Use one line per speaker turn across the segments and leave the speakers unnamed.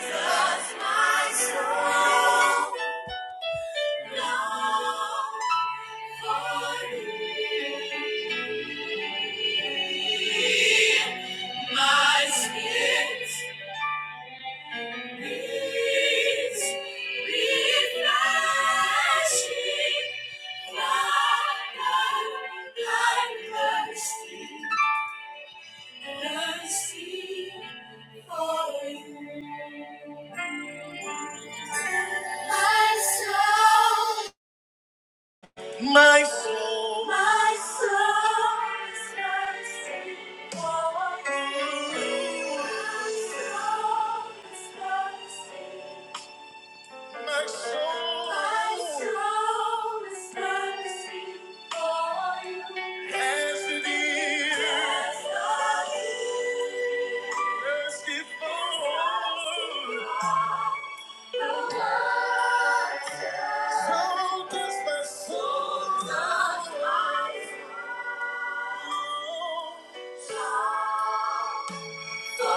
Does my soul long for thee? My spirit is refreshing from the bloodthirsty. And I see for you. My soul, my soul, my soul is thirsting for you. My soul is thirsting my soul My soul is thirsty for you. As it is. As it is. Thirsty for the water. So does my soul. So does my soul. Thank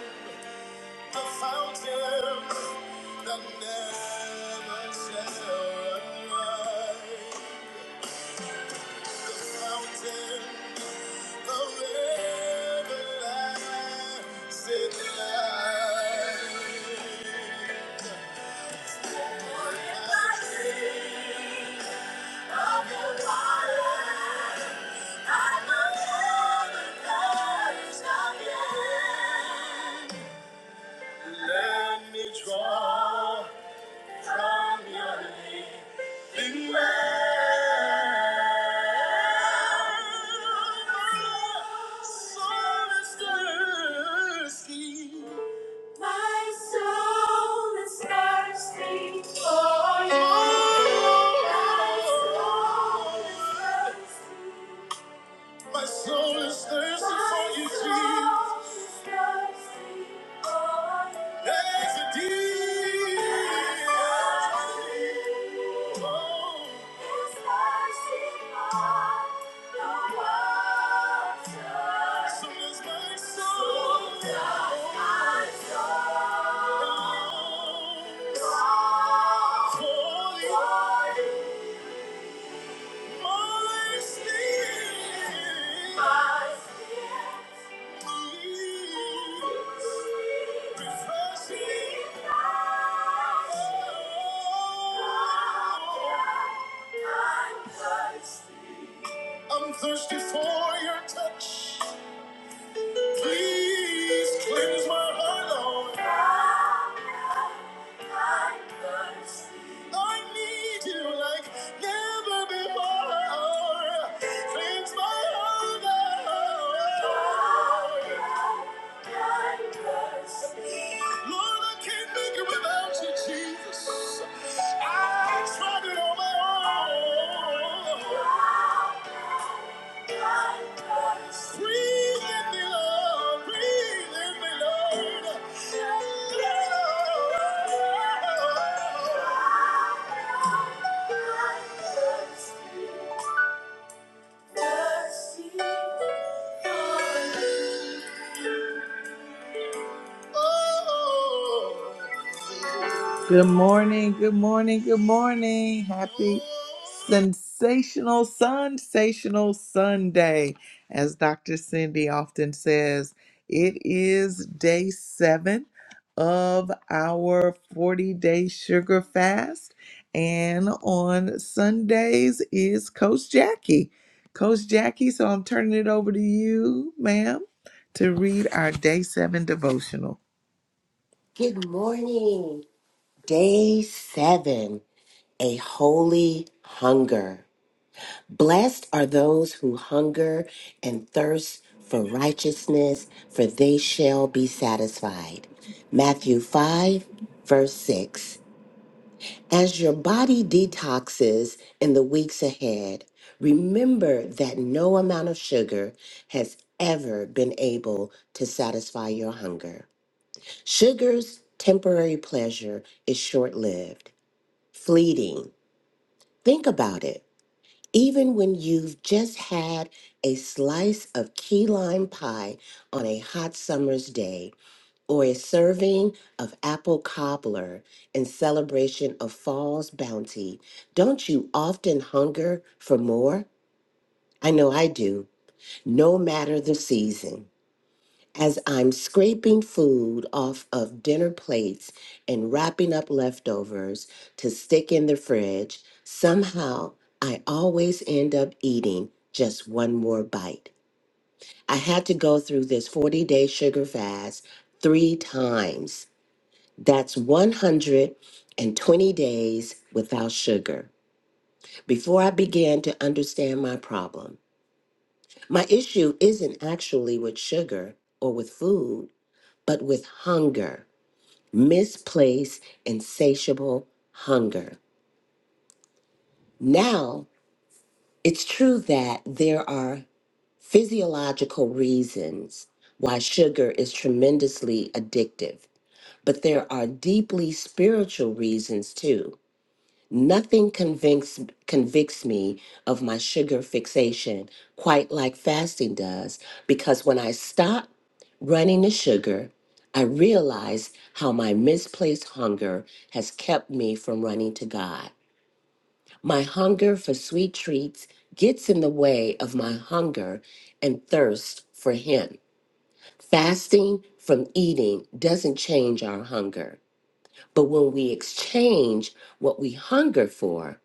you. The fountain that never shall run The fountain of everlasting life. Of the water and the waters of the end. Let me draw. from your living well. my Soul is thirsty. My soul is thirsty for you. My soul is thirsty. My soul is thirsty for you, Jesus. There's a deep, oh, so does my soul. Oh, for you. I'm thirsty for your touch. Please cleanse my heart, Lord. I need you like never before. Cleanse my heart, Lord. Lord, I can't make it without you, Jesus. I tried it on my own. Good morning, good morning, good morning. Happy Sensational, sensational Sunday. As Dr. Cindy often says, it is day seven of our 40 day sugar fast. And on Sundays is Coach Jackie. Coach Jackie, so I'm turning it over to you, ma'am, to read our day seven devotional.
Good morning. Day seven, a holy hunger. Blessed are those who hunger and thirst for righteousness, for they shall be satisfied. Matthew 5, verse 6. As your body detoxes in the weeks ahead, remember that no amount of sugar has ever been able to satisfy your hunger. Sugar's temporary pleasure is short lived, fleeting. Think about it. Even when you've just had a slice of key lime pie on a hot summer's day, or a serving of apple cobbler in celebration of fall's bounty, don't you often hunger for more? I know I do, no matter the season. As I'm scraping food off of dinner plates and wrapping up leftovers to stick in the fridge, somehow I always end up eating just one more bite. I had to go through this 40 day sugar fast three times. That's 120 days without sugar before I began to understand my problem. My issue isn't actually with sugar or with food, but with hunger. misplaced, insatiable hunger. Now, it's true that there are physiological reasons why sugar is tremendously addictive, but there are deeply spiritual reasons too. Nothing convicts convicts me of my sugar fixation quite like fasting does because when I stop running to sugar, I realize how my misplaced hunger has kept me from running to God. My hunger for sweet treats gets in the way of my hunger and thirst for Him. Fasting from eating doesn't change our hunger, but when we exchange what we hunger for,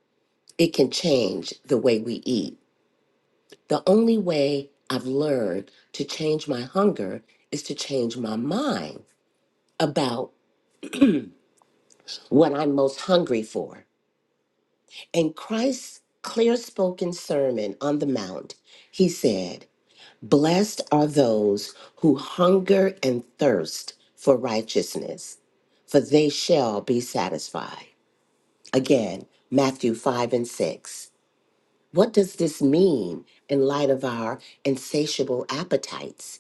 it can change the way we eat. The only way I've learned to change my hunger is to change my mind about what I'm most hungry for. In Christ's clear spoken sermon on the Mount, he said, Blessed are those who hunger and thirst for righteousness, for they shall be satisfied. Again, Matthew 5 and 6. What does this mean in light of our insatiable appetites?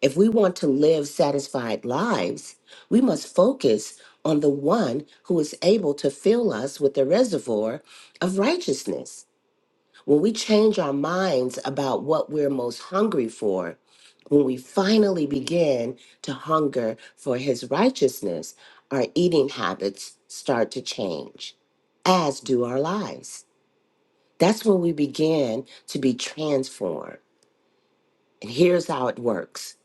If we want to live satisfied lives, we must focus on the one who is able to fill us with the reservoir of righteousness. When we change our minds about what we're most hungry for, when we finally begin to hunger for his righteousness, our eating habits start to change, as do our lives. That's when we begin to be transformed. And here's how it works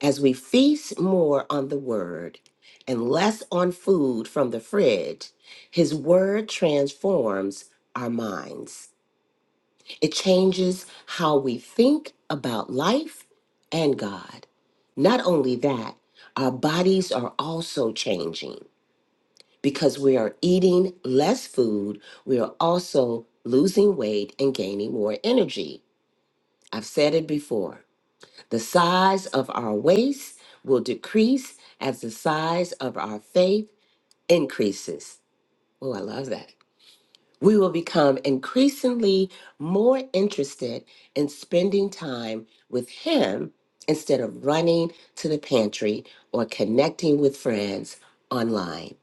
as we feast more on the word and less on food from the fridge, his word transforms our minds. It changes how we think about life and God. Not only that, our bodies are also changing because we are eating less food. We are also losing weight and gaining more energy I've said it before. The size of our waist will decrease as the size of our faith increases. Oh, I love that. We will become increasingly more interested in spending time with Him instead of running to the pantry or connecting with friends online.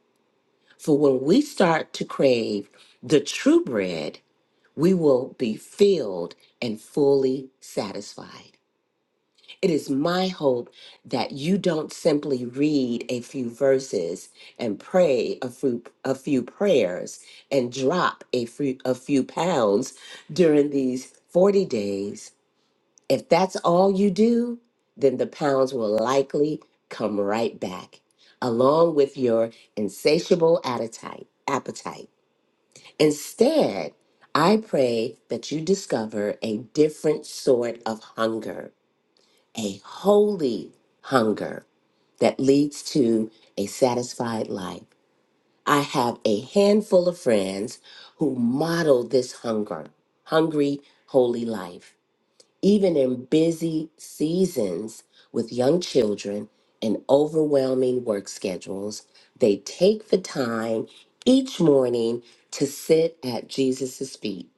For when we start to crave the true bread, we will be filled and fully satisfied. It is my hope that you don't simply read a few verses and pray a few, a few prayers and drop a few, a few pounds during these 40 days. If that's all you do, then the pounds will likely come right back, along with your insatiable appetite. appetite. Instead, I pray that you discover a different sort of hunger a holy hunger that leads to a satisfied life. I have a handful of friends who model this hunger, hungry, holy life. Even in busy seasons with young children and overwhelming work schedules, they take the time each morning to sit at Jesus' feet,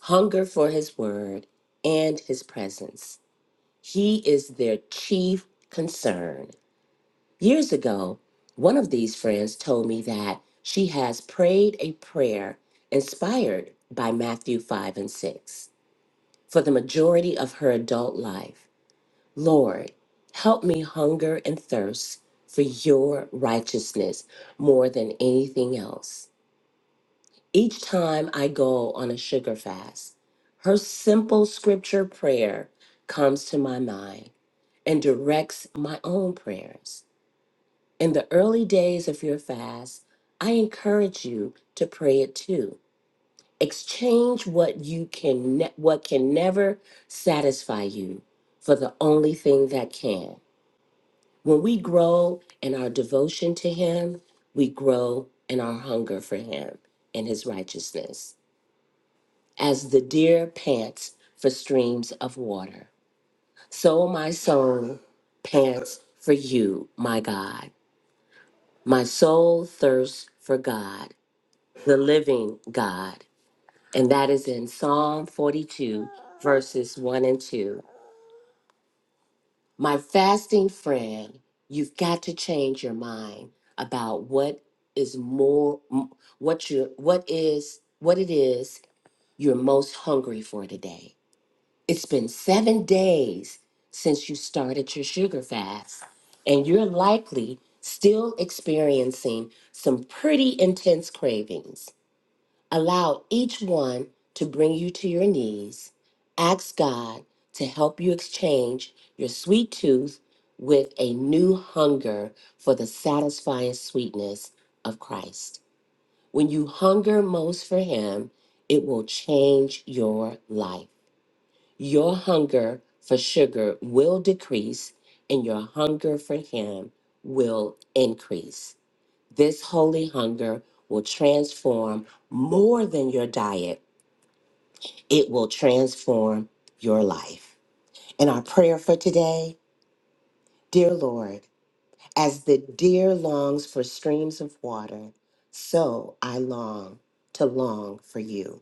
hunger for his word and his presence. He is their chief concern. Years ago, one of these friends told me that she has prayed a prayer inspired by Matthew 5 and 6 for the majority of her adult life. Lord, help me hunger and thirst for your righteousness more than anything else. Each time I go on a sugar fast, her simple scripture prayer comes to my mind and directs my own prayers. In the early days of your fast, I encourage you to pray it too. Exchange what you can ne- what can never satisfy you for the only thing that can. When we grow in our devotion to him, we grow in our hunger for him and his righteousness. As the deer pants for streams of water, so my soul pants for you, my God. My soul thirsts for God, the living God. And that is in Psalm 42, verses 1 and 2. My fasting friend, you've got to change your mind about what is more m- what you what is what it is you're most hungry for today. It's been 7 days since you started your sugar fast, and you're likely still experiencing some pretty intense cravings. Allow each one to bring you to your knees. Ask God to help you exchange your sweet tooth with a new hunger for the satisfying sweetness of Christ. When you hunger most for Him, it will change your life. Your hunger for sugar will decrease, and your hunger for Him will increase. This holy hunger will transform more than your diet it will transform your life. And our prayer for today, dear Lord, as the deer longs for streams of water, so I long to long for you.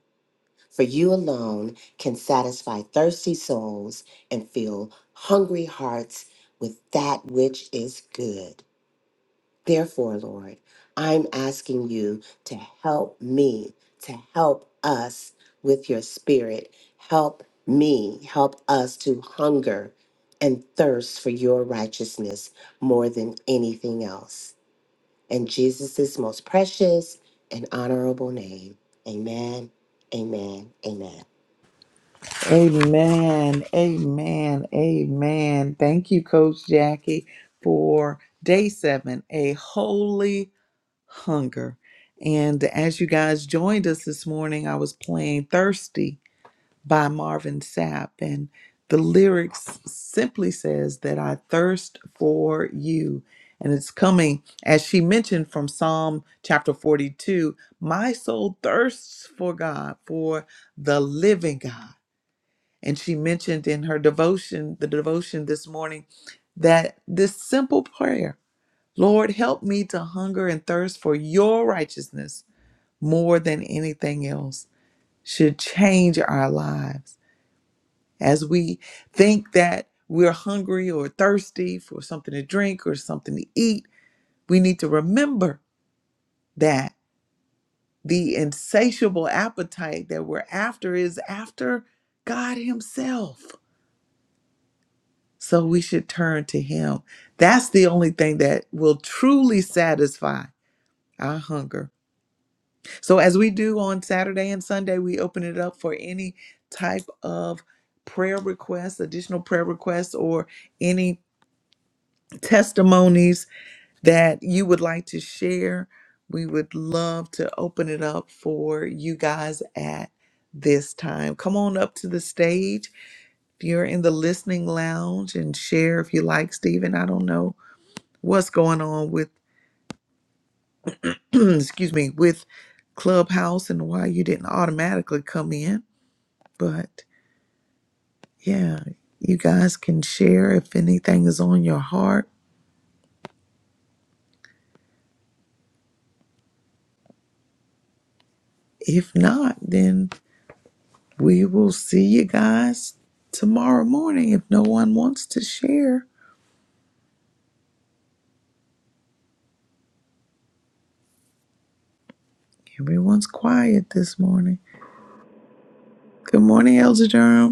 For you alone can satisfy thirsty souls and fill hungry hearts with that which is good. Therefore, Lord, I'm asking you to help me, to help us with your spirit. Help me, help us to hunger and thirst for your righteousness more than anything else. In Jesus' most precious and honorable name, amen, amen, amen.
Amen. Amen. Amen. Thank you, Coach Jackie, for day seven, a holy hunger. And as you guys joined us this morning, I was playing Thirsty by Marvin Sapp. And the lyrics simply says that I thirst for you. And it's coming, as she mentioned from Psalm chapter 42, my soul thirsts for God, for the living God. And she mentioned in her devotion, the devotion this morning, that this simple prayer, Lord, help me to hunger and thirst for your righteousness more than anything else, should change our lives. As we think that we're hungry or thirsty for something to drink or something to eat, we need to remember that the insatiable appetite that we're after is after God Himself. So we should turn to Him. That's the only thing that will truly satisfy our hunger. So, as we do on Saturday and Sunday, we open it up for any type of prayer requests, additional prayer requests, or any testimonies that you would like to share. We would love to open it up for you guys at this time. Come on up to the stage if you're in the listening lounge and share if you like, Stephen. I don't know what's going on with excuse me with clubhouse and why you didn't automatically come in but yeah you guys can share if anything is on your heart if not then we will see you guys tomorrow morning if no one wants to share everyone's quiet this morning good morning elder Durham.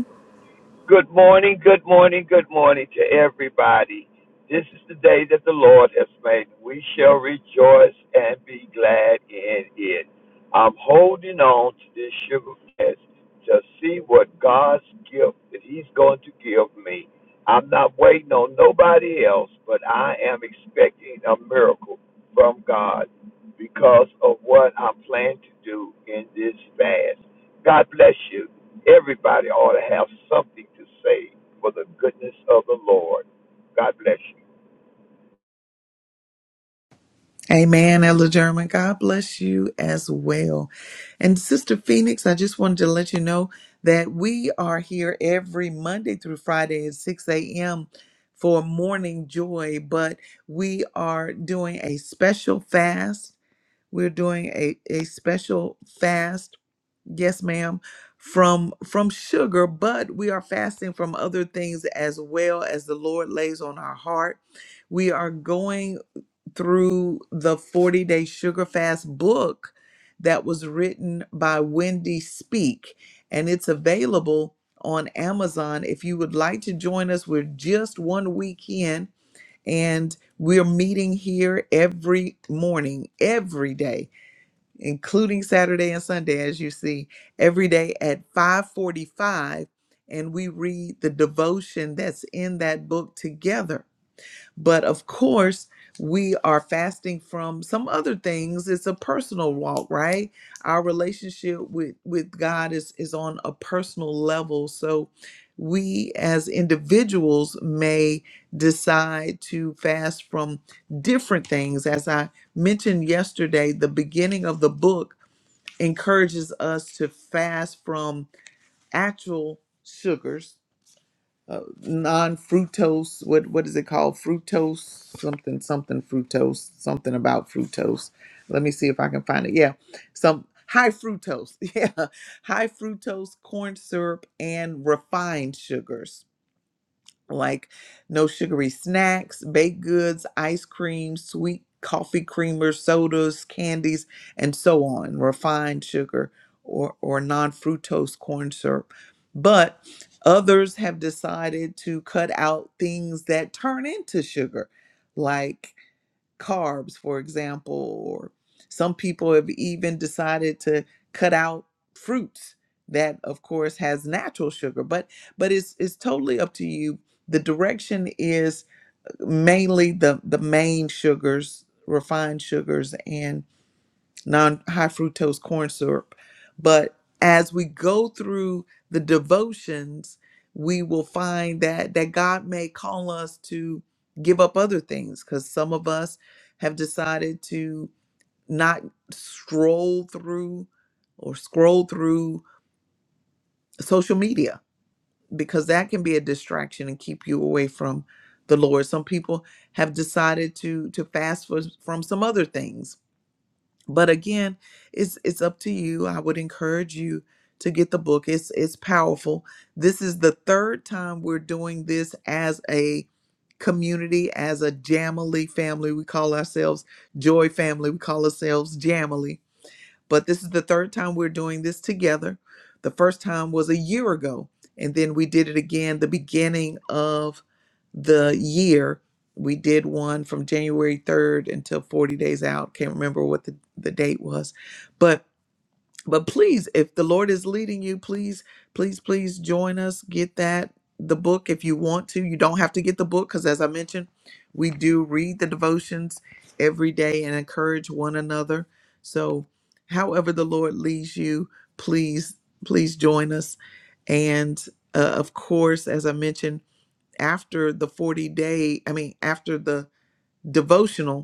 Good morning, good morning, good morning to everybody. This is the day that the Lord has made. We shall rejoice and be glad in it. I'm holding on to this sugar fast to see what God's gift that He's going to give me. I'm not waiting on nobody else, but I am expecting a miracle from God because of what I'm planning to do in this fast. God bless you. Everybody ought to have something to say for the goodness of the Lord. God bless you.
Amen, Elder German. God bless you as well. And Sister Phoenix, I just wanted to let you know that we are here every Monday through Friday at 6 a.m. for morning joy, but we are doing a special fast. We're doing a, a special fast, yes, ma'am, from from sugar, but we are fasting from other things as well as the Lord lays on our heart. We are going through the 40 day sugar fast book that was written by Wendy Speak, and it's available on Amazon. If you would like to join us, we're just one week in, and we're meeting here every morning, every day, including Saturday and Sunday, as you see, every day at 545. And we read the devotion that's in that book together but of course, we are fasting from some other things. It's a personal walk, right? Our relationship with with God is is on a personal level. So we as individuals may decide to fast from different things. As I mentioned yesterday, the beginning of the book encourages us to fast from actual sugars uh, non fructose. What what is it called? Fructose something something fructose something about fructose. Let me see if I can find it. Yeah, some high fructose. Yeah, high fructose corn syrup and refined sugars like no sugary snacks, baked goods, ice cream, sweet coffee creamers, sodas, candies, and so on, refined sugar or, or non fructose corn syrup. But others have decided to cut out things that turn into sugar, like carbs, for example, or some people have even decided to cut out fruits that of course has natural sugar but but it's it's totally up to you the direction is mainly the the main sugars refined sugars and non high fructose corn syrup. But as we go through the devotions, we will find that that God may call us to give up other things because some of us have decided to not stroll through or scroll through social media because that can be a distraction and keep you away from the Lord. Some people have decided to to fast for, from some other things but again it's it's up to you i would encourage you to get the book it's it's powerful this is the third time we're doing this as a community as a jamily family we call ourselves joy family we call ourselves jamily but this is the third time we're doing this together. The first time was a year ago, and then we did it again the beginning of the year. We did one from January 3rd until 40 days out. Can't remember what the, the date was. But but please if the lord is leading you please please please join us get that the book if you want to you don't have to get the book because as i mentioned we do read the devotions every day and encourage one another so however the lord leads you please please join us and uh, of course as i mentioned after the 40 day i mean after the devotional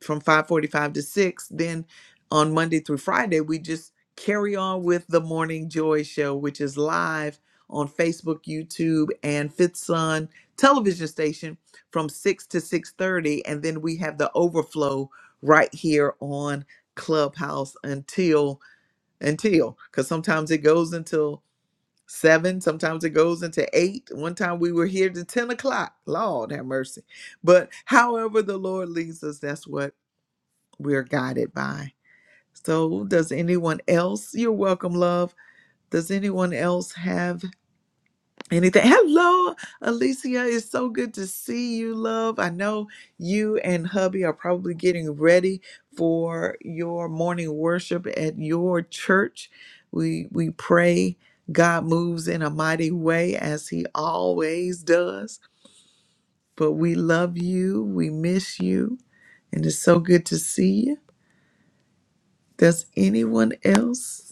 from 5:45 to 6 then on Monday through Friday we just carry on with the Morning Joy show which is live on Facebook, YouTube and Fifth Sun television station from 6 to 6:30 and then we have the overflow right here on Clubhouse until until cuz sometimes it goes until 7 sometimes it goes into 8 one time we were here to 10 o'clock lord have mercy but however the lord leads us that's what we're guided by. So, does anyone else? You're welcome, love. Does anyone else have anything? Hello, Alicia. It's so good to see you, love. I know you and hubby are probably getting ready for your morning worship at your church. We we pray God moves in a mighty way as he always does. But we love you. We miss you. And it's so good to see you. Does anyone else?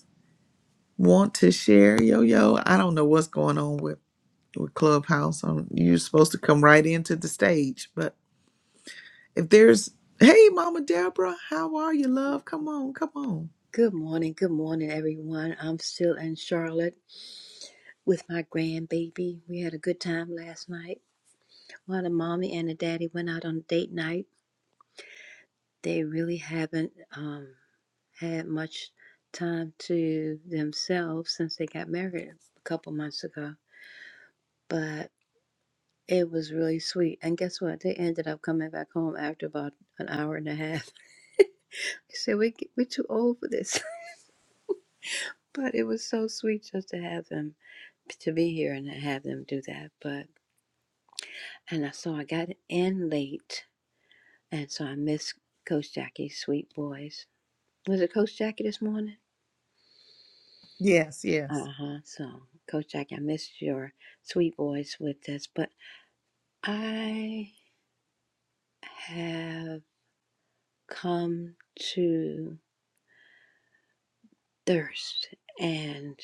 want to share, Yo Yo? I don't know what's going on with with Clubhouse. Um you're supposed to come right into the stage, but if there's, hey, Mama Deborah, how are you, love? Come on, come on.
Good morning, good morning, everyone. I'm still in Charlotte with my grandbaby. We had a good time last night. While the mommy and the daddy went out on date night, they really haven't um, had much time to themselves since they got married a couple months ago. But it was really sweet. And guess what? They ended up coming back home after about an hour and a half. They said, we, We're too old for this. But it was so sweet just to have them, to be here and have them do that. But And I, so I got in late, and so I missed Coach Jackie's Sweet Boys. Was it Coach Jackie this morning?
Yes,
Uh
yes.
huh. So, Coach Jackie, I missed your Sweet Boys with this, but I have come to thirst and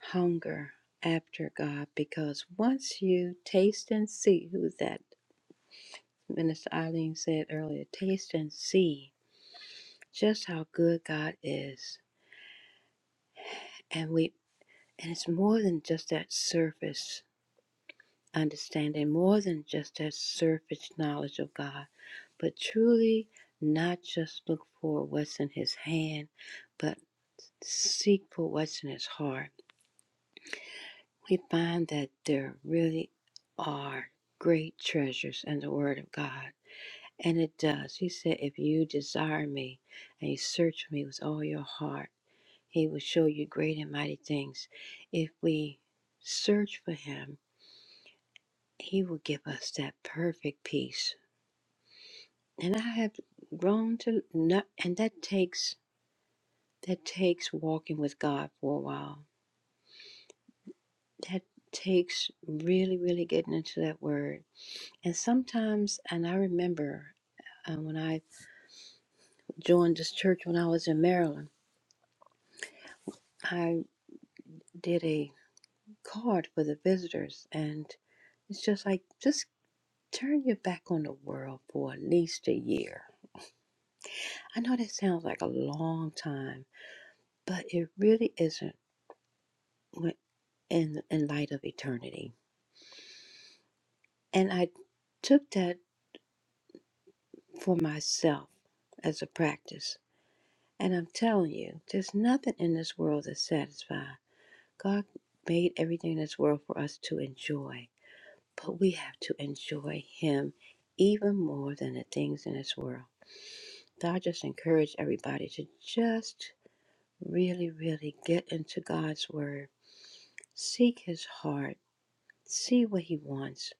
hunger after God because once you taste and see who that Minister Eileen said earlier, taste and see just how good God is. And we And it's more than just that surface understanding, more than just that surface knowledge of God, but truly not just look for what's in His hand, but seek for what's in His heart. We find that there really are great treasures in the Word of God. And it does. He said, If you desire me and you search me with all your heart, He will show you great and mighty things. If we search for Him, He will give us that perfect peace. And I have grown to not, and that takes that takes walking with God for a while. That takes really, really getting into that word. And sometimes, and I remember uh, when I joined this church when I was in Maryland, I did a card for the visitors, and it's just like just turn your back on the world for at least a year. I know that sounds like a long time, but it really isn't when- in in light of eternity. And I took that for myself as a practice. And I'm telling you, there's nothing in this world that satisfies. God made everything in this world for us to enjoy, but we have to enjoy Him even more than the things in this world. So I just encourage everybody to just really, really get into God's Word, seek His heart see what he wants.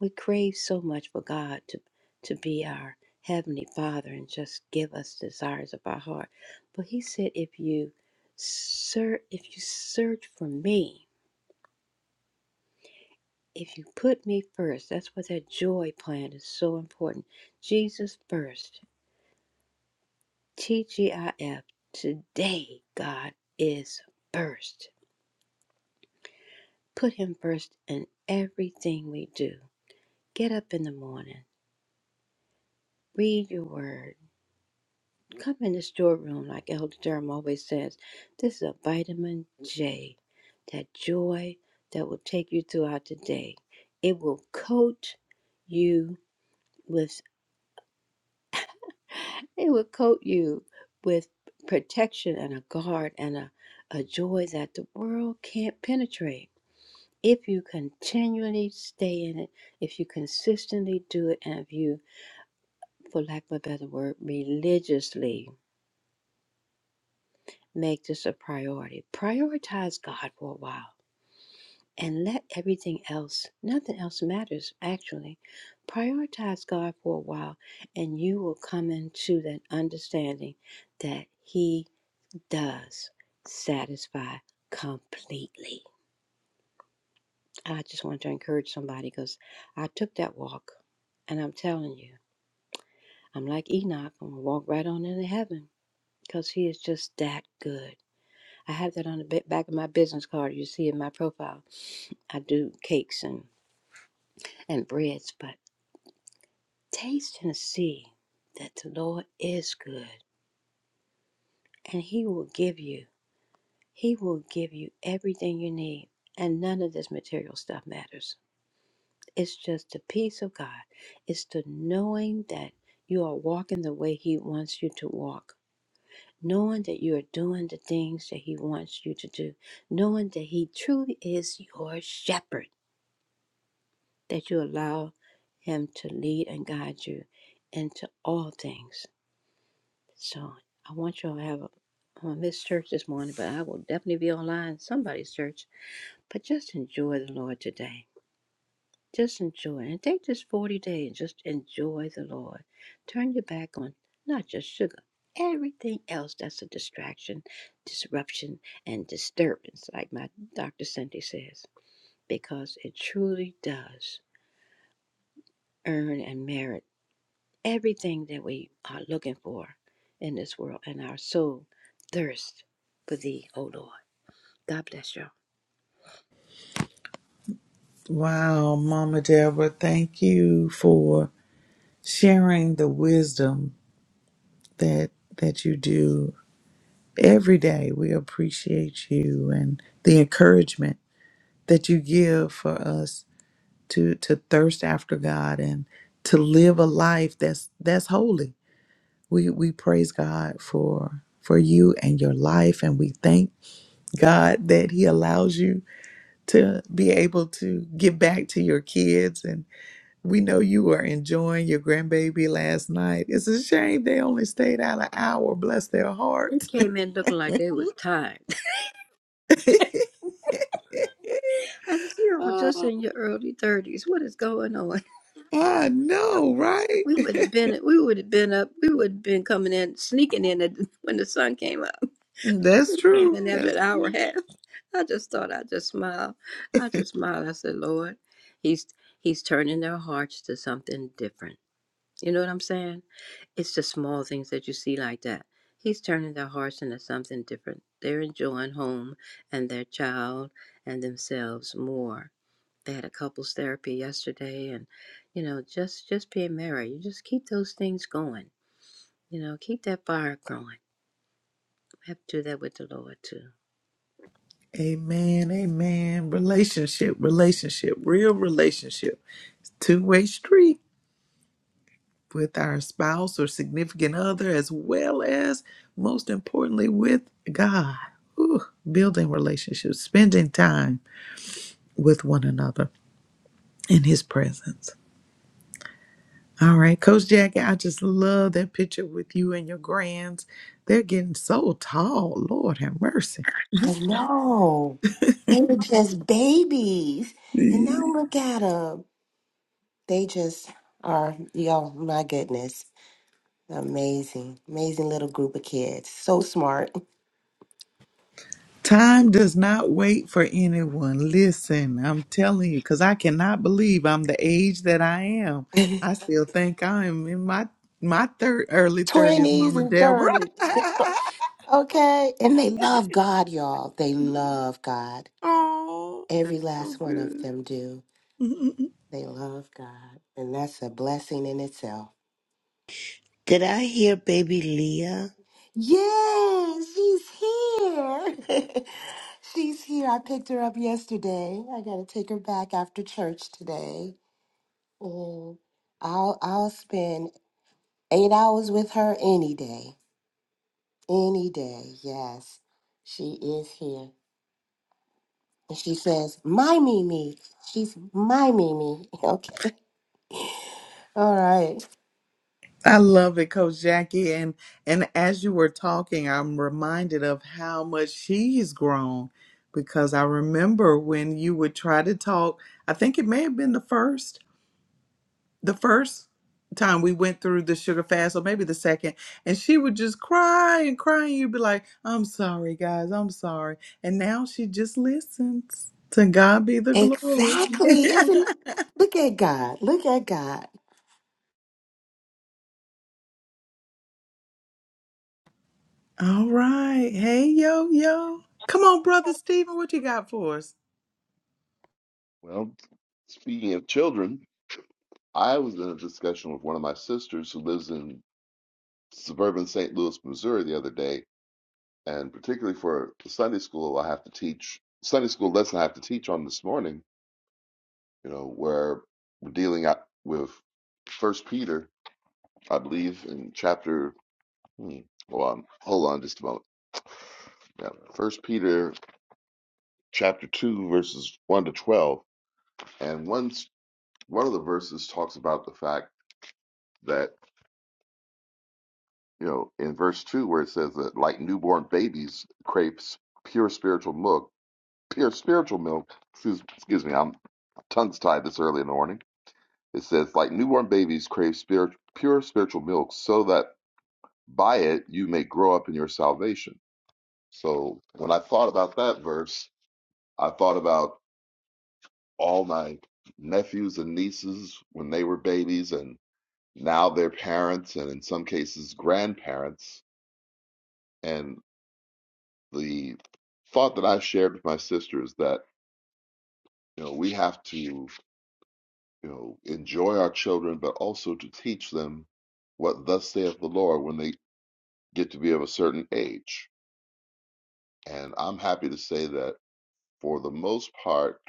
We crave so much for God to to be our heavenly Father and just give us desires of our heart. But he said, if you search, if you search for me, if you put me first, that's what that joy plan is so important. Jesus first, TGIF. Today, God is first. Put Him first in everything we do. Get up in the morning, read your word Come in the storeroom, like Elder Durham always says. This is a vitamin J, that joy that will take you throughout the day. It will coat you with it will coat you with protection and a guard and a, a joy that the world can't penetrate. If you continually stay in it, if you consistently do it, and if you, for lack of a better word, religiously make this a priority. Prioritize God for a while and let everything else, nothing else matters actually. Prioritize God for a while and you will come into that understanding that He does satisfy completely. I just want to encourage somebody because I took that walk and I'm telling you, I'm like Enoch. I'm going to walk right on into heaven because He is just that good. I have that on the ba- back of my business card. You see in my profile I do cakes and, and breads, but taste and see that the Lord is good and He will give you, He will give you everything you need. And none of this material stuff matters. It's just the peace of God. It's the knowing that you are walking the way He wants you to walk, knowing that you are doing the things that He wants you to do, knowing that He truly is your shepherd, that you allow Him to lead and guide you into all things. So I want you all to have a I'm gonna miss church this morning, but I will definitely be online somebody's church. But just enjoy the Lord today. Just enjoy and take this 40 days and just enjoy the Lord. Turn your back on not just sugar, everything else that's a distraction, disruption, and disturbance, like my Dr. Cindy says, because it truly does earn and merit everything that we are looking for in this world, and our soul thirsts for thee, O Lord. God bless y'all.
Wow, Mama Deborah, thank you for sharing the wisdom that that you do every day. We appreciate you and the encouragement that you give for us to to thirst after God and to live a life that's that's holy. We we praise God for for you and your life and we thank God that he allows you to be able to give back to your kids and we know you were enjoying your grandbaby last night. It's a shame they only stayed out an hour. Bless their
They
hearts.
came in looking like they was tired. I said, "You all just
oh,
in your early thirties. What is going on?
I know, right?
We would have been, we would have been up, we would have been coming in, sneaking in at, when the sun came up.
That's
They came
true.
in after an
That's
hour and a half. I just thought I just smiled. I just smiled. I said, Lord, He's He's turning their hearts to something different. You know what I'm saying? It's the small things that you see like that. He's turning their hearts into something different. They're enjoying home and their child and themselves more. They had a couples therapy yesterday and you know, just just being married. You just keep those things going. You know, keep that fire growing. Have to do that with the Lord too.
Amen, amen. Relationship, relationship, real relationship. It's a Two-way street with our spouse or significant other, as well as, most importantly, with God. Ooh, building relationships, spending time with one another in His presence. All right, Coach Jackie, I just love that picture with you and your grands. They're getting so tall. Lord have mercy.
I know. They were just babies. And now look at them. They just are, yo, my goodness. Amazing, amazing little group of kids. So smart.
Time does not wait for anyone. Listen, I'm telling you, because I cannot believe I'm the age that I am. I still think I'm in my my third early thirties,
20s
Mama
and
Deborah.
30s. okay. And they love God, y'all. They love God.
oh, that's
Every
so
last one of
good.
them do. They love God. And that's a blessing in itself.
Did I hear baby Leah?
Yeah, she's here. she's here. I picked her up yesterday. I got to take her back after church today. And I'll, I'll spend eight hours with her any day Any day, yes, she is here. And she says, My Mimi. She's my Mimi. Okay. All right.
I love it, Coach Jackie. And and as you were talking, I'm reminded of how much she's grown because I remember when you would try to talk. I think it may have been the first. the first time we went through the sugar fast, or maybe the second, and she would just cry and cry, and you'd be like, I'm sorry, guys, I'm sorry. And now she just listens. To God be the glory.
Exactly. Isn't look at God. Look at God.
All right. Hey, yo, yo. Come on, Brother Stephen, what you got for us?
Well, speaking of children, I was in a discussion with one of my sisters who lives in suburban St. Louis, Missouri, the other day, and particularly for the Sunday school, I have to teach Sunday school lesson I have to teach on this morning. You know, where we're dealing out with First Peter, I believe, in chapter. Hmm, hold on, hold on, just a moment. Yeah, First Peter chapter two, verses one to twelve, and one one of the verses talks about the fact that you know, in verse two where it says that like newborn babies crave s- pure spiritual milk, pure spiritual milk. Excuse, excuse me, I'm tongues tied this early in the morning. It says like newborn babies crave spirit, pure spiritual milk, so that by it you may grow up in your salvation. So when I thought about that verse, I thought about all my nephews and nieces when they were babies, and now their parents, and in some cases grandparents. and the thought that I've shared with my sister is that you know we have to you know enjoy our children, but also to teach them what thus saith the Lord when they get to be of a certain age. And I'm happy to say that for the most part,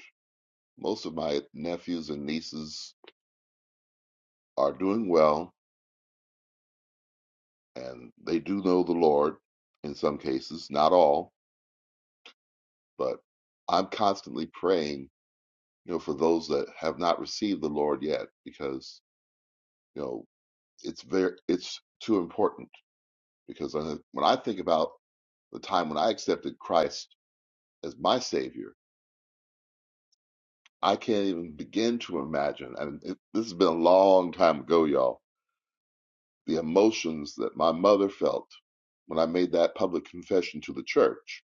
most of my nephews and nieces are doing well, and they do know the Lord in some cases, not all, but I'm constantly praying, you know, for those that have not received the Lord yet, because you know It's very it's too important because I, when I think about the time when I accepted Christ as my Savior, I can't even begin to imagine. And it, this has been a long time ago, y'all. The emotions that my mother felt when I made that public confession to the church.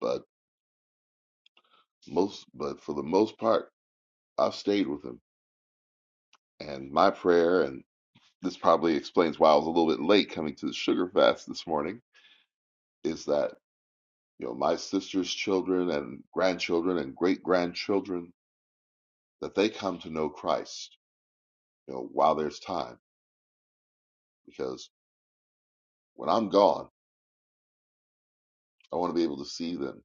But most, but for the most part, I've stayed with him. And my prayer, and this probably explains why I was a little bit late coming to the sugar fast this morning, is that. you know my sister's children and grandchildren and great grandchildren that they come to know christ you know while there's time because when i'm gone i want to be able to see them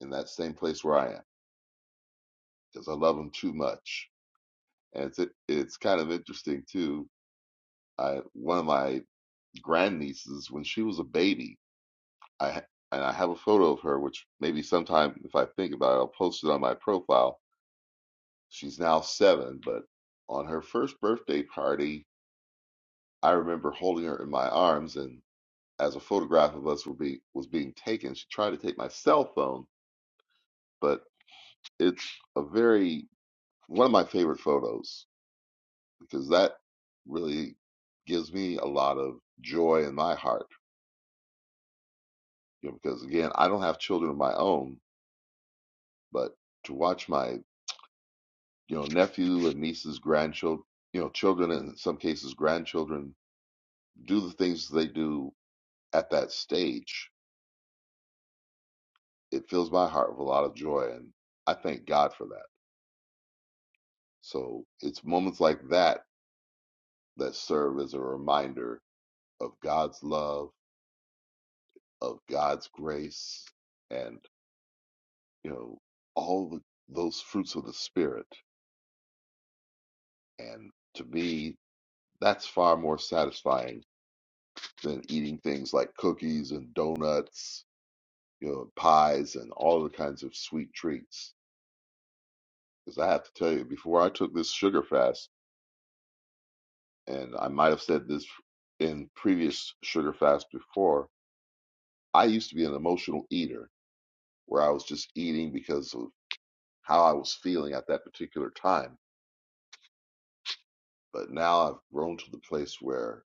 in that same place where i am because i love them too much and it's it, it's kind of interesting too i one of my grandnieces when she was a baby i and i have a photo of her which maybe sometime if i think about it i'll post it on my profile she's now seven but on her first birthday party I remember holding her in my arms, and as a photograph of us were being was being taken, she tried to take my cell phone, but it's a very one of my favorite photos because that really gives me a lot of joy in my heart. You know, because again, I don't have children of my own, but to watch my you know nephew and nieces, grandchildren, you know, children, and in some cases grandchildren, do the things they do at that stage, it fills my heart with a lot of joy, and I thank God for that. So it's moments like that that serve as a reminder of God's love, of God's grace, and you know all the, those fruits of the spirit. And to me, that's far more satisfying than eating things like cookies and donuts, you know, pies and all the kinds of sweet treats. Because I have to tell you, before I took this sugar fast, and I might have said this in previous sugar fasts before, I used to be an emotional eater where I was just eating because of how I was feeling at that particular time. But now I've grown to the place where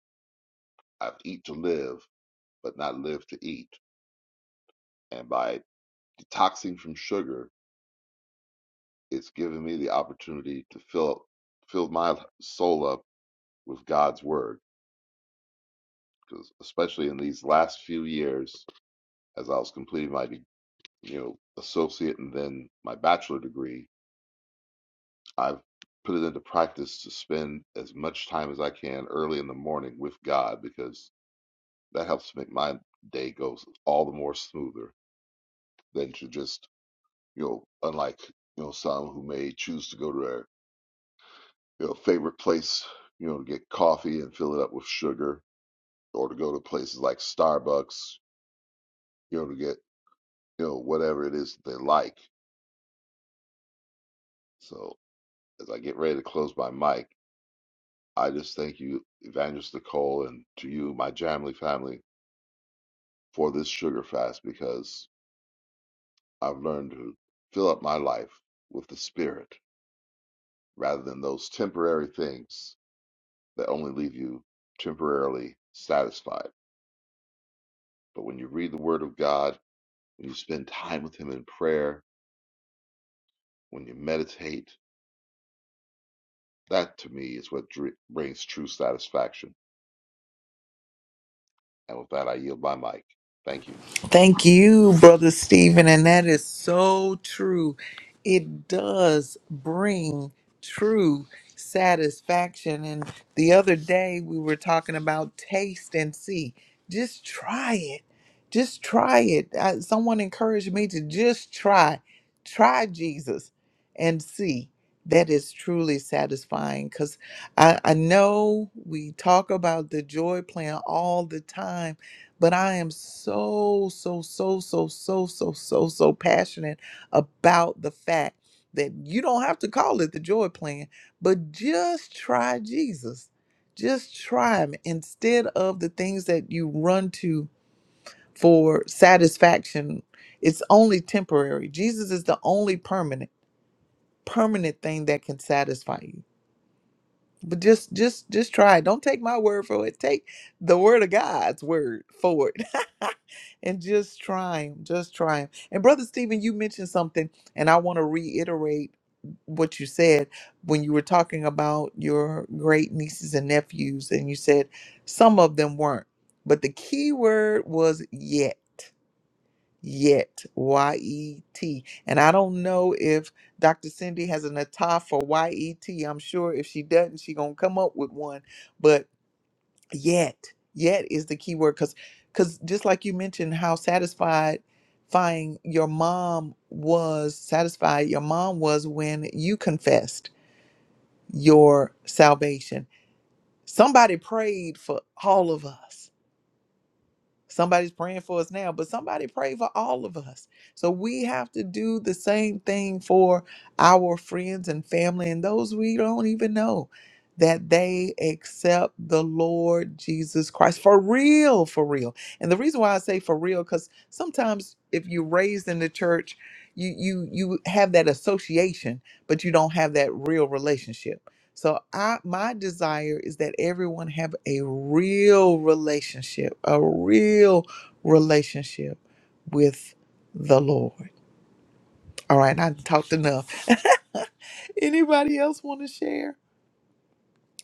I've eat to live, but not live to eat. And by detoxing from sugar, it's given me the opportunity to fill fill my soul up with God's word. Because especially in these last few years, as I was completing my you know associate and then my bachelor degree, I've put it into practice to spend as much time as I can early in the morning with God because that helps make my day go all the more smoother than to just, you know, unlike, you know, some who may choose to go to their, you know, favorite place, you know, to get coffee and fill it up with sugar or to go to places like Starbucks, you know, to get, you know, whatever it is that they like. So as I get ready to close my mic, I just thank you, Evangelist Nicole, and to you, my Jamley family, for this sugar fast because I've learned to fill up my life with the Spirit rather than those temporary things that only leave you temporarily satisfied. But when you read the Word of God, when you spend time with Him in prayer, when you meditate, that to me is what dr- brings true satisfaction. And with that, I yield my mic. Thank you.
Thank you, Brother Stephen. And that is so true. It does bring true satisfaction. And the other day we were talking about taste and see. Just try it. Just try it. I, someone encouraged me to just try. Try Jesus and see. That is truly satisfying because I, I know we talk about the joy plan all the time but I am so, so, so, so, so, so, so, so passionate about the fact that you don't have to call it the joy plan, but just try Jesus. Just try him instead of the things that you run to for satisfaction. It's only temporary. Jesus is the only permanent, permanent thing that can satisfy you. But just just just try. it. Don't take my word for it. Take the word of God's word for it. and just try 'em. Just try 'em. And brother Stephen, you mentioned something and I want to reiterate what you said when you were talking about your great nieces and nephews and you said some of them weren't. But the key word was yet yet y-e-t and i don't know if dr cindy has an attire for y-e-t i'm sure if she doesn't she gonna come up with one but yet yet is the key word because because just like you mentioned how satisfied finding your mom was satisfied your mom was when you confessed your salvation somebody prayed for all of us Somebody's praying for us now, but somebody prayed for all of us. So we have to do the same thing for our friends and family and those we don't even know that they accept the Lord Jesus Christ for real, for real. And the reason why I say for real cuz sometimes if you're raised in the church, you you you have that association, but you don't have that real relationship. So I my desire is that everyone have a real relationship, a real relationship with the Lord. All right, I talked enough. Anybody else want to share?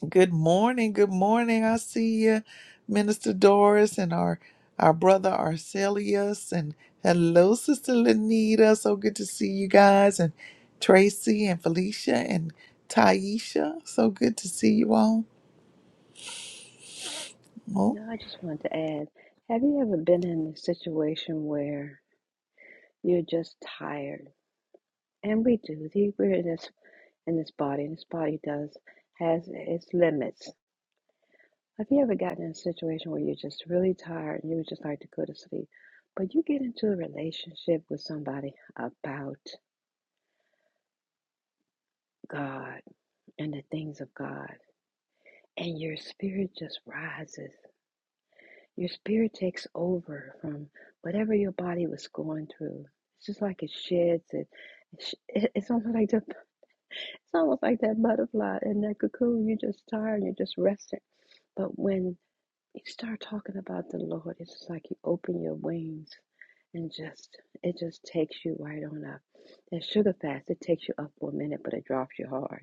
Good morning. Good morning. I see you, Minister Doris and our our brother Arcelius and hello, Sister Lenita. So good to see you guys and Tracy and Felicia and Taisha. So good to see you all. Oh.
You know, I just wanted to add, have you ever been in a situation where you're just tired? And we do. the- We're in this in this body, and this body does has its limits. Have you ever gotten in a situation where you're just really tired and you would just like to go to sleep, but you get into a relationship with somebody about God and the things of God, and your spirit just rises. Your spirit takes over from whatever your body was going through. It's just like it sheds it. It's almost like the, it's almost like that butterfly in that cocoon. You're just tired. You're just resting. But when You start talking about the Lord, it's just like you open your wings and just it just takes you right on up. That sugar fast, it takes you up for a minute, but it drops you hard.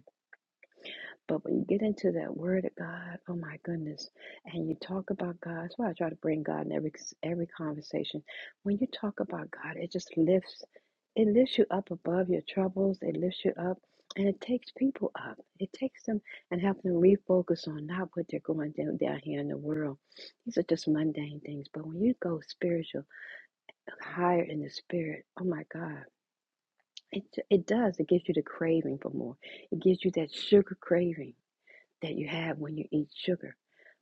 But when you get into that word of God, oh my goodness, and you talk about God, that's why I try to bring God in every every conversation. When you talk about God, it just lifts, it lifts you up above your troubles. It lifts you up, and it takes people up. It takes them and helps them refocus on not what they're going down down here in the world. These are just mundane things. But when you go spiritual, higher in the spirit, oh my God, it it does. It gives you the craving for more. It gives you that sugar craving that you have when you eat sugar.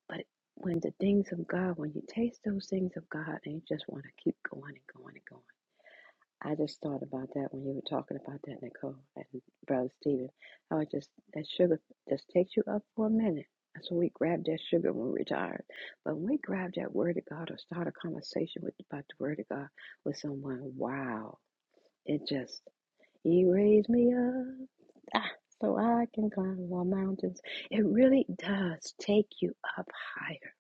But when the things of God, when you taste those things of God and you just want to keep going and going and going. I just thought about that when you were talking about that, Nicole and Brother Stephen. I was just that sugar just takes you up for a minute. That's when we grab that sugar when we're tired. But when we grab that word of God or start a conversation with about the word of God with someone, wow. It just you raise me up ah, so I can climb more mountains. It really does take you up higher.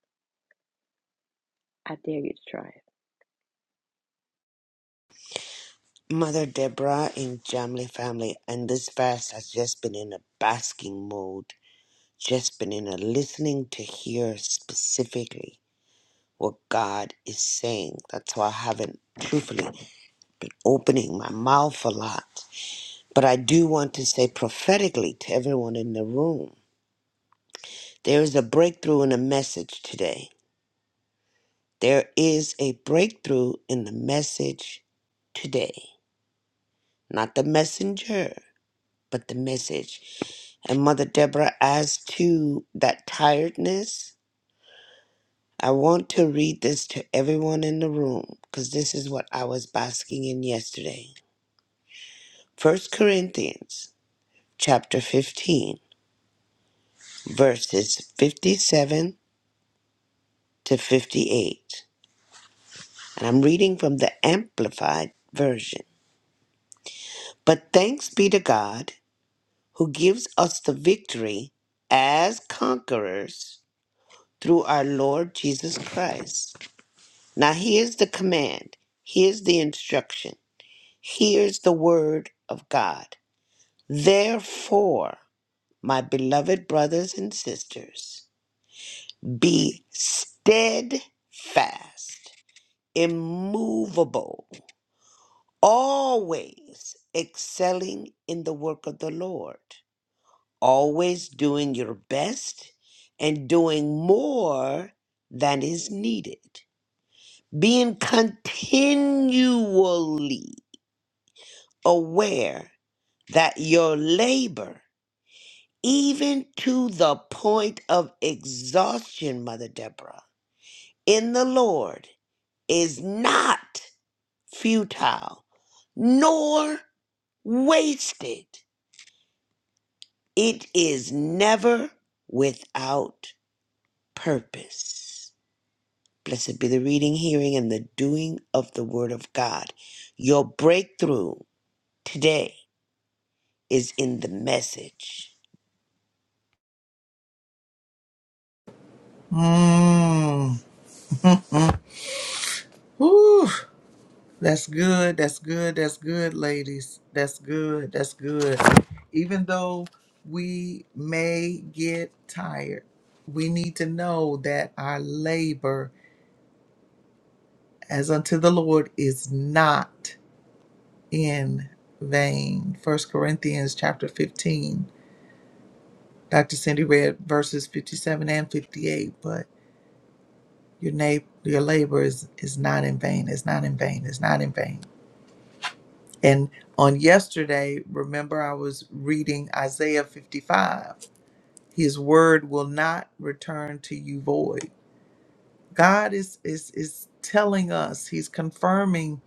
I dare you to try.
Mother Deborah in Jamley Family, and this verse has just been in a basking mode, just been in a listening to hear specifically what God is saying. That's why I haven't truthfully been opening my mouth a lot. But I do want to say prophetically to everyone in the room there is a breakthrough in the message today. There is a breakthrough in the message today, not the messenger. but the message. And Mother Deborah, as to that tiredness, I want to read this to everyone in the room because this is what I was basking in yesterday. First Corinthians chapter 15, verses 57 to 58. And I'm reading from the Amplified Version. But thanks be to God who gives us the victory as conquerors through our Lord Jesus Christ. Now, here's the command, here's the instruction, here's the word of God. Therefore, my beloved brothers and sisters, be steadfast, immovable, always excelling in the work of the Lord, always doing your best and doing more than is needed, being continually aware that your labor, even to the point of exhaustion, Mother Deborah, in the Lord is not futile nor wasted. It is never without purpose. Blessed be the reading, hearing, and the doing of the Word of God. Your breakthrough today is in the message.
Mm. Whew. That's good. That's good. That's good, ladies. That's good. That's good. Even though we may get tired, we need to know that our labor as unto the Lord is not in vain. First Corinthians chapter 15. Dr. Cindy read verses 57 and 58, but your na- your labor is, is not in vain. It's not in vain. It's not in vain. And on yesterday, remember I was reading Isaiah 55. His word will not return to you void. God is is is telling us, he's confirming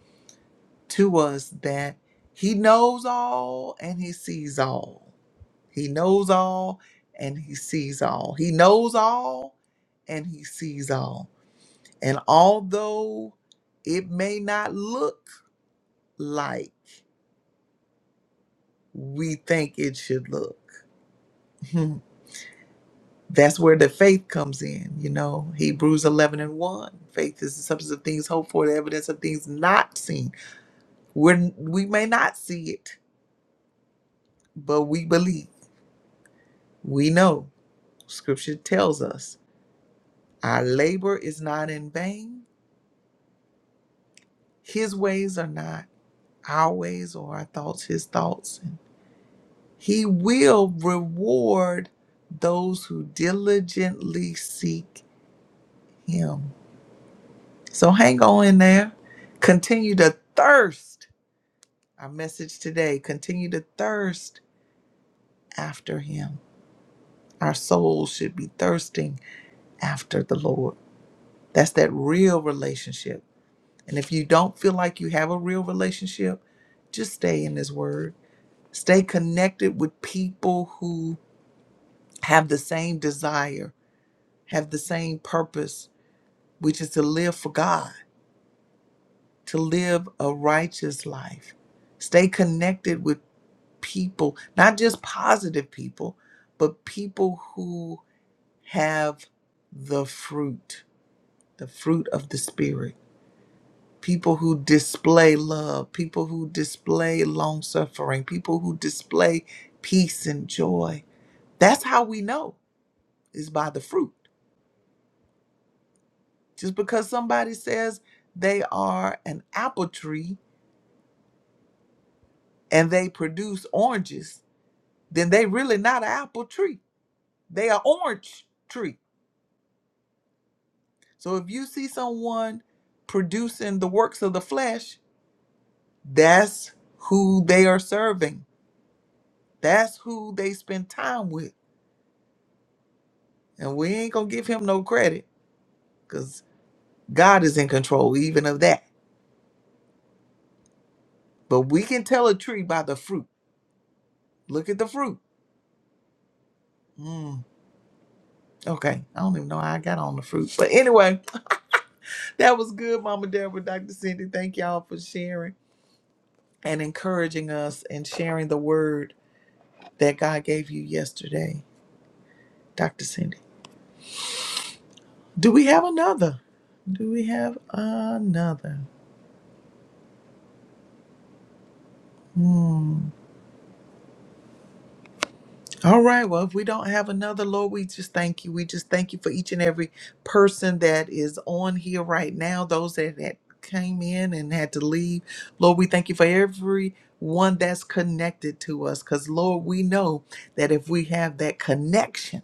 to us that he knows all and he sees all. He knows all and he sees all. He knows all and he sees all. And although it may not look like we think it should look, that's where the faith comes in you know hebrews 11 and 1 faith is the substance of things hoped for the evidence of things not seen We're, we may not see it but we believe we know scripture tells us our labor is not in vain his ways are not our ways or our thoughts his thoughts and he will reward those who diligently seek him so hang on in there continue to thirst Our message today continue to thirst after Him. Our souls should be thirsting after the Lord. That's that real relationship. And if you don't feel like you have a real relationship, just stay in His Word. Stay connected with people who have the same desire, have the same purpose, which is to live for God, to live a righteous life. Stay connected with people, not just positive people, but people who have the fruit, the fruit of the Spirit. People who display love, people who display long suffering, people who display peace and joy. That's how we know is by the fruit. Just because somebody says they are an apple tree and they produce oranges, then they really not an apple tree. They are orange tree. So if you see someone producing the works of the flesh, That's who they are serving. That's who they spend time with. And we ain't going to give him no credit because God is in control even of that. But we can tell a tree by the fruit. Look at the fruit. Mm, okay. I don't even know how I got on the fruit. But anyway, that was good, Mama Deborah, Dr. Cindy. Thank y'all for sharing and encouraging us and sharing the word that God gave you yesterday, Dr. Cindy. Do we have another? Do we have another? Hmm. All right. Well, if we don't have another, Lord, we just thank you. We just thank you for each and every person that is on here right now, those that, that came in and had to leave. Lord, we thank you for every one that's connected to us because, Lord, we know that if we have that connection,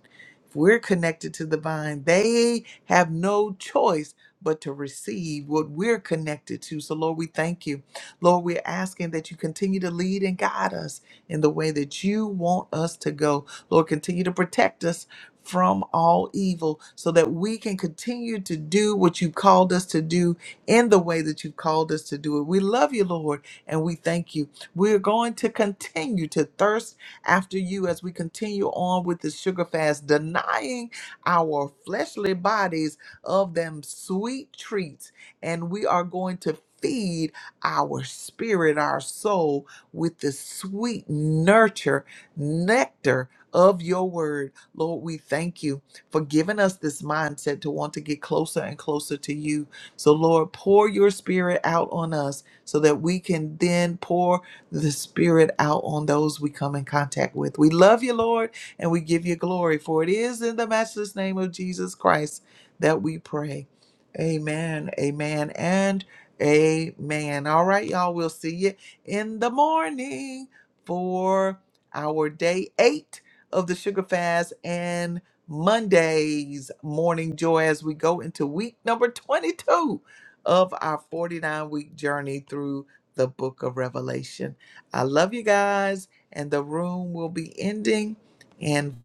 if we're connected to the vine, they have no choice but to receive what we're connected to. So, Lord, we thank you. Lord, we're asking that you continue to lead and guide us in the way that you want us to go. Lord, continue to protect us from all evil so that we can continue to do what you called us to do in the way that you've called us to do it. We love you, Lord, and we thank you. We're going to continue to thirst after you as we continue on with the sugar fast, denying our fleshly bodies of them sweet treats. And we are going to feed our spirit, our soul, with the sweet nurture, nectar of your word. Lord, we thank you for giving us this mindset to want to get closer and closer to you. So, Lord, pour your spirit out on us so that we can then pour the spirit out on those we come in contact with. We love you, Lord, and we give you glory, for it is in the matchless name of Jesus Christ that we pray. Amen, amen, and amen. All right, y'all, we'll see you in the morning for our day eight of the sugar fast and Monday's morning joy as we go into week number 22 of our 49 week journey through the book of Revelation. I love you guys, and the room will be ending in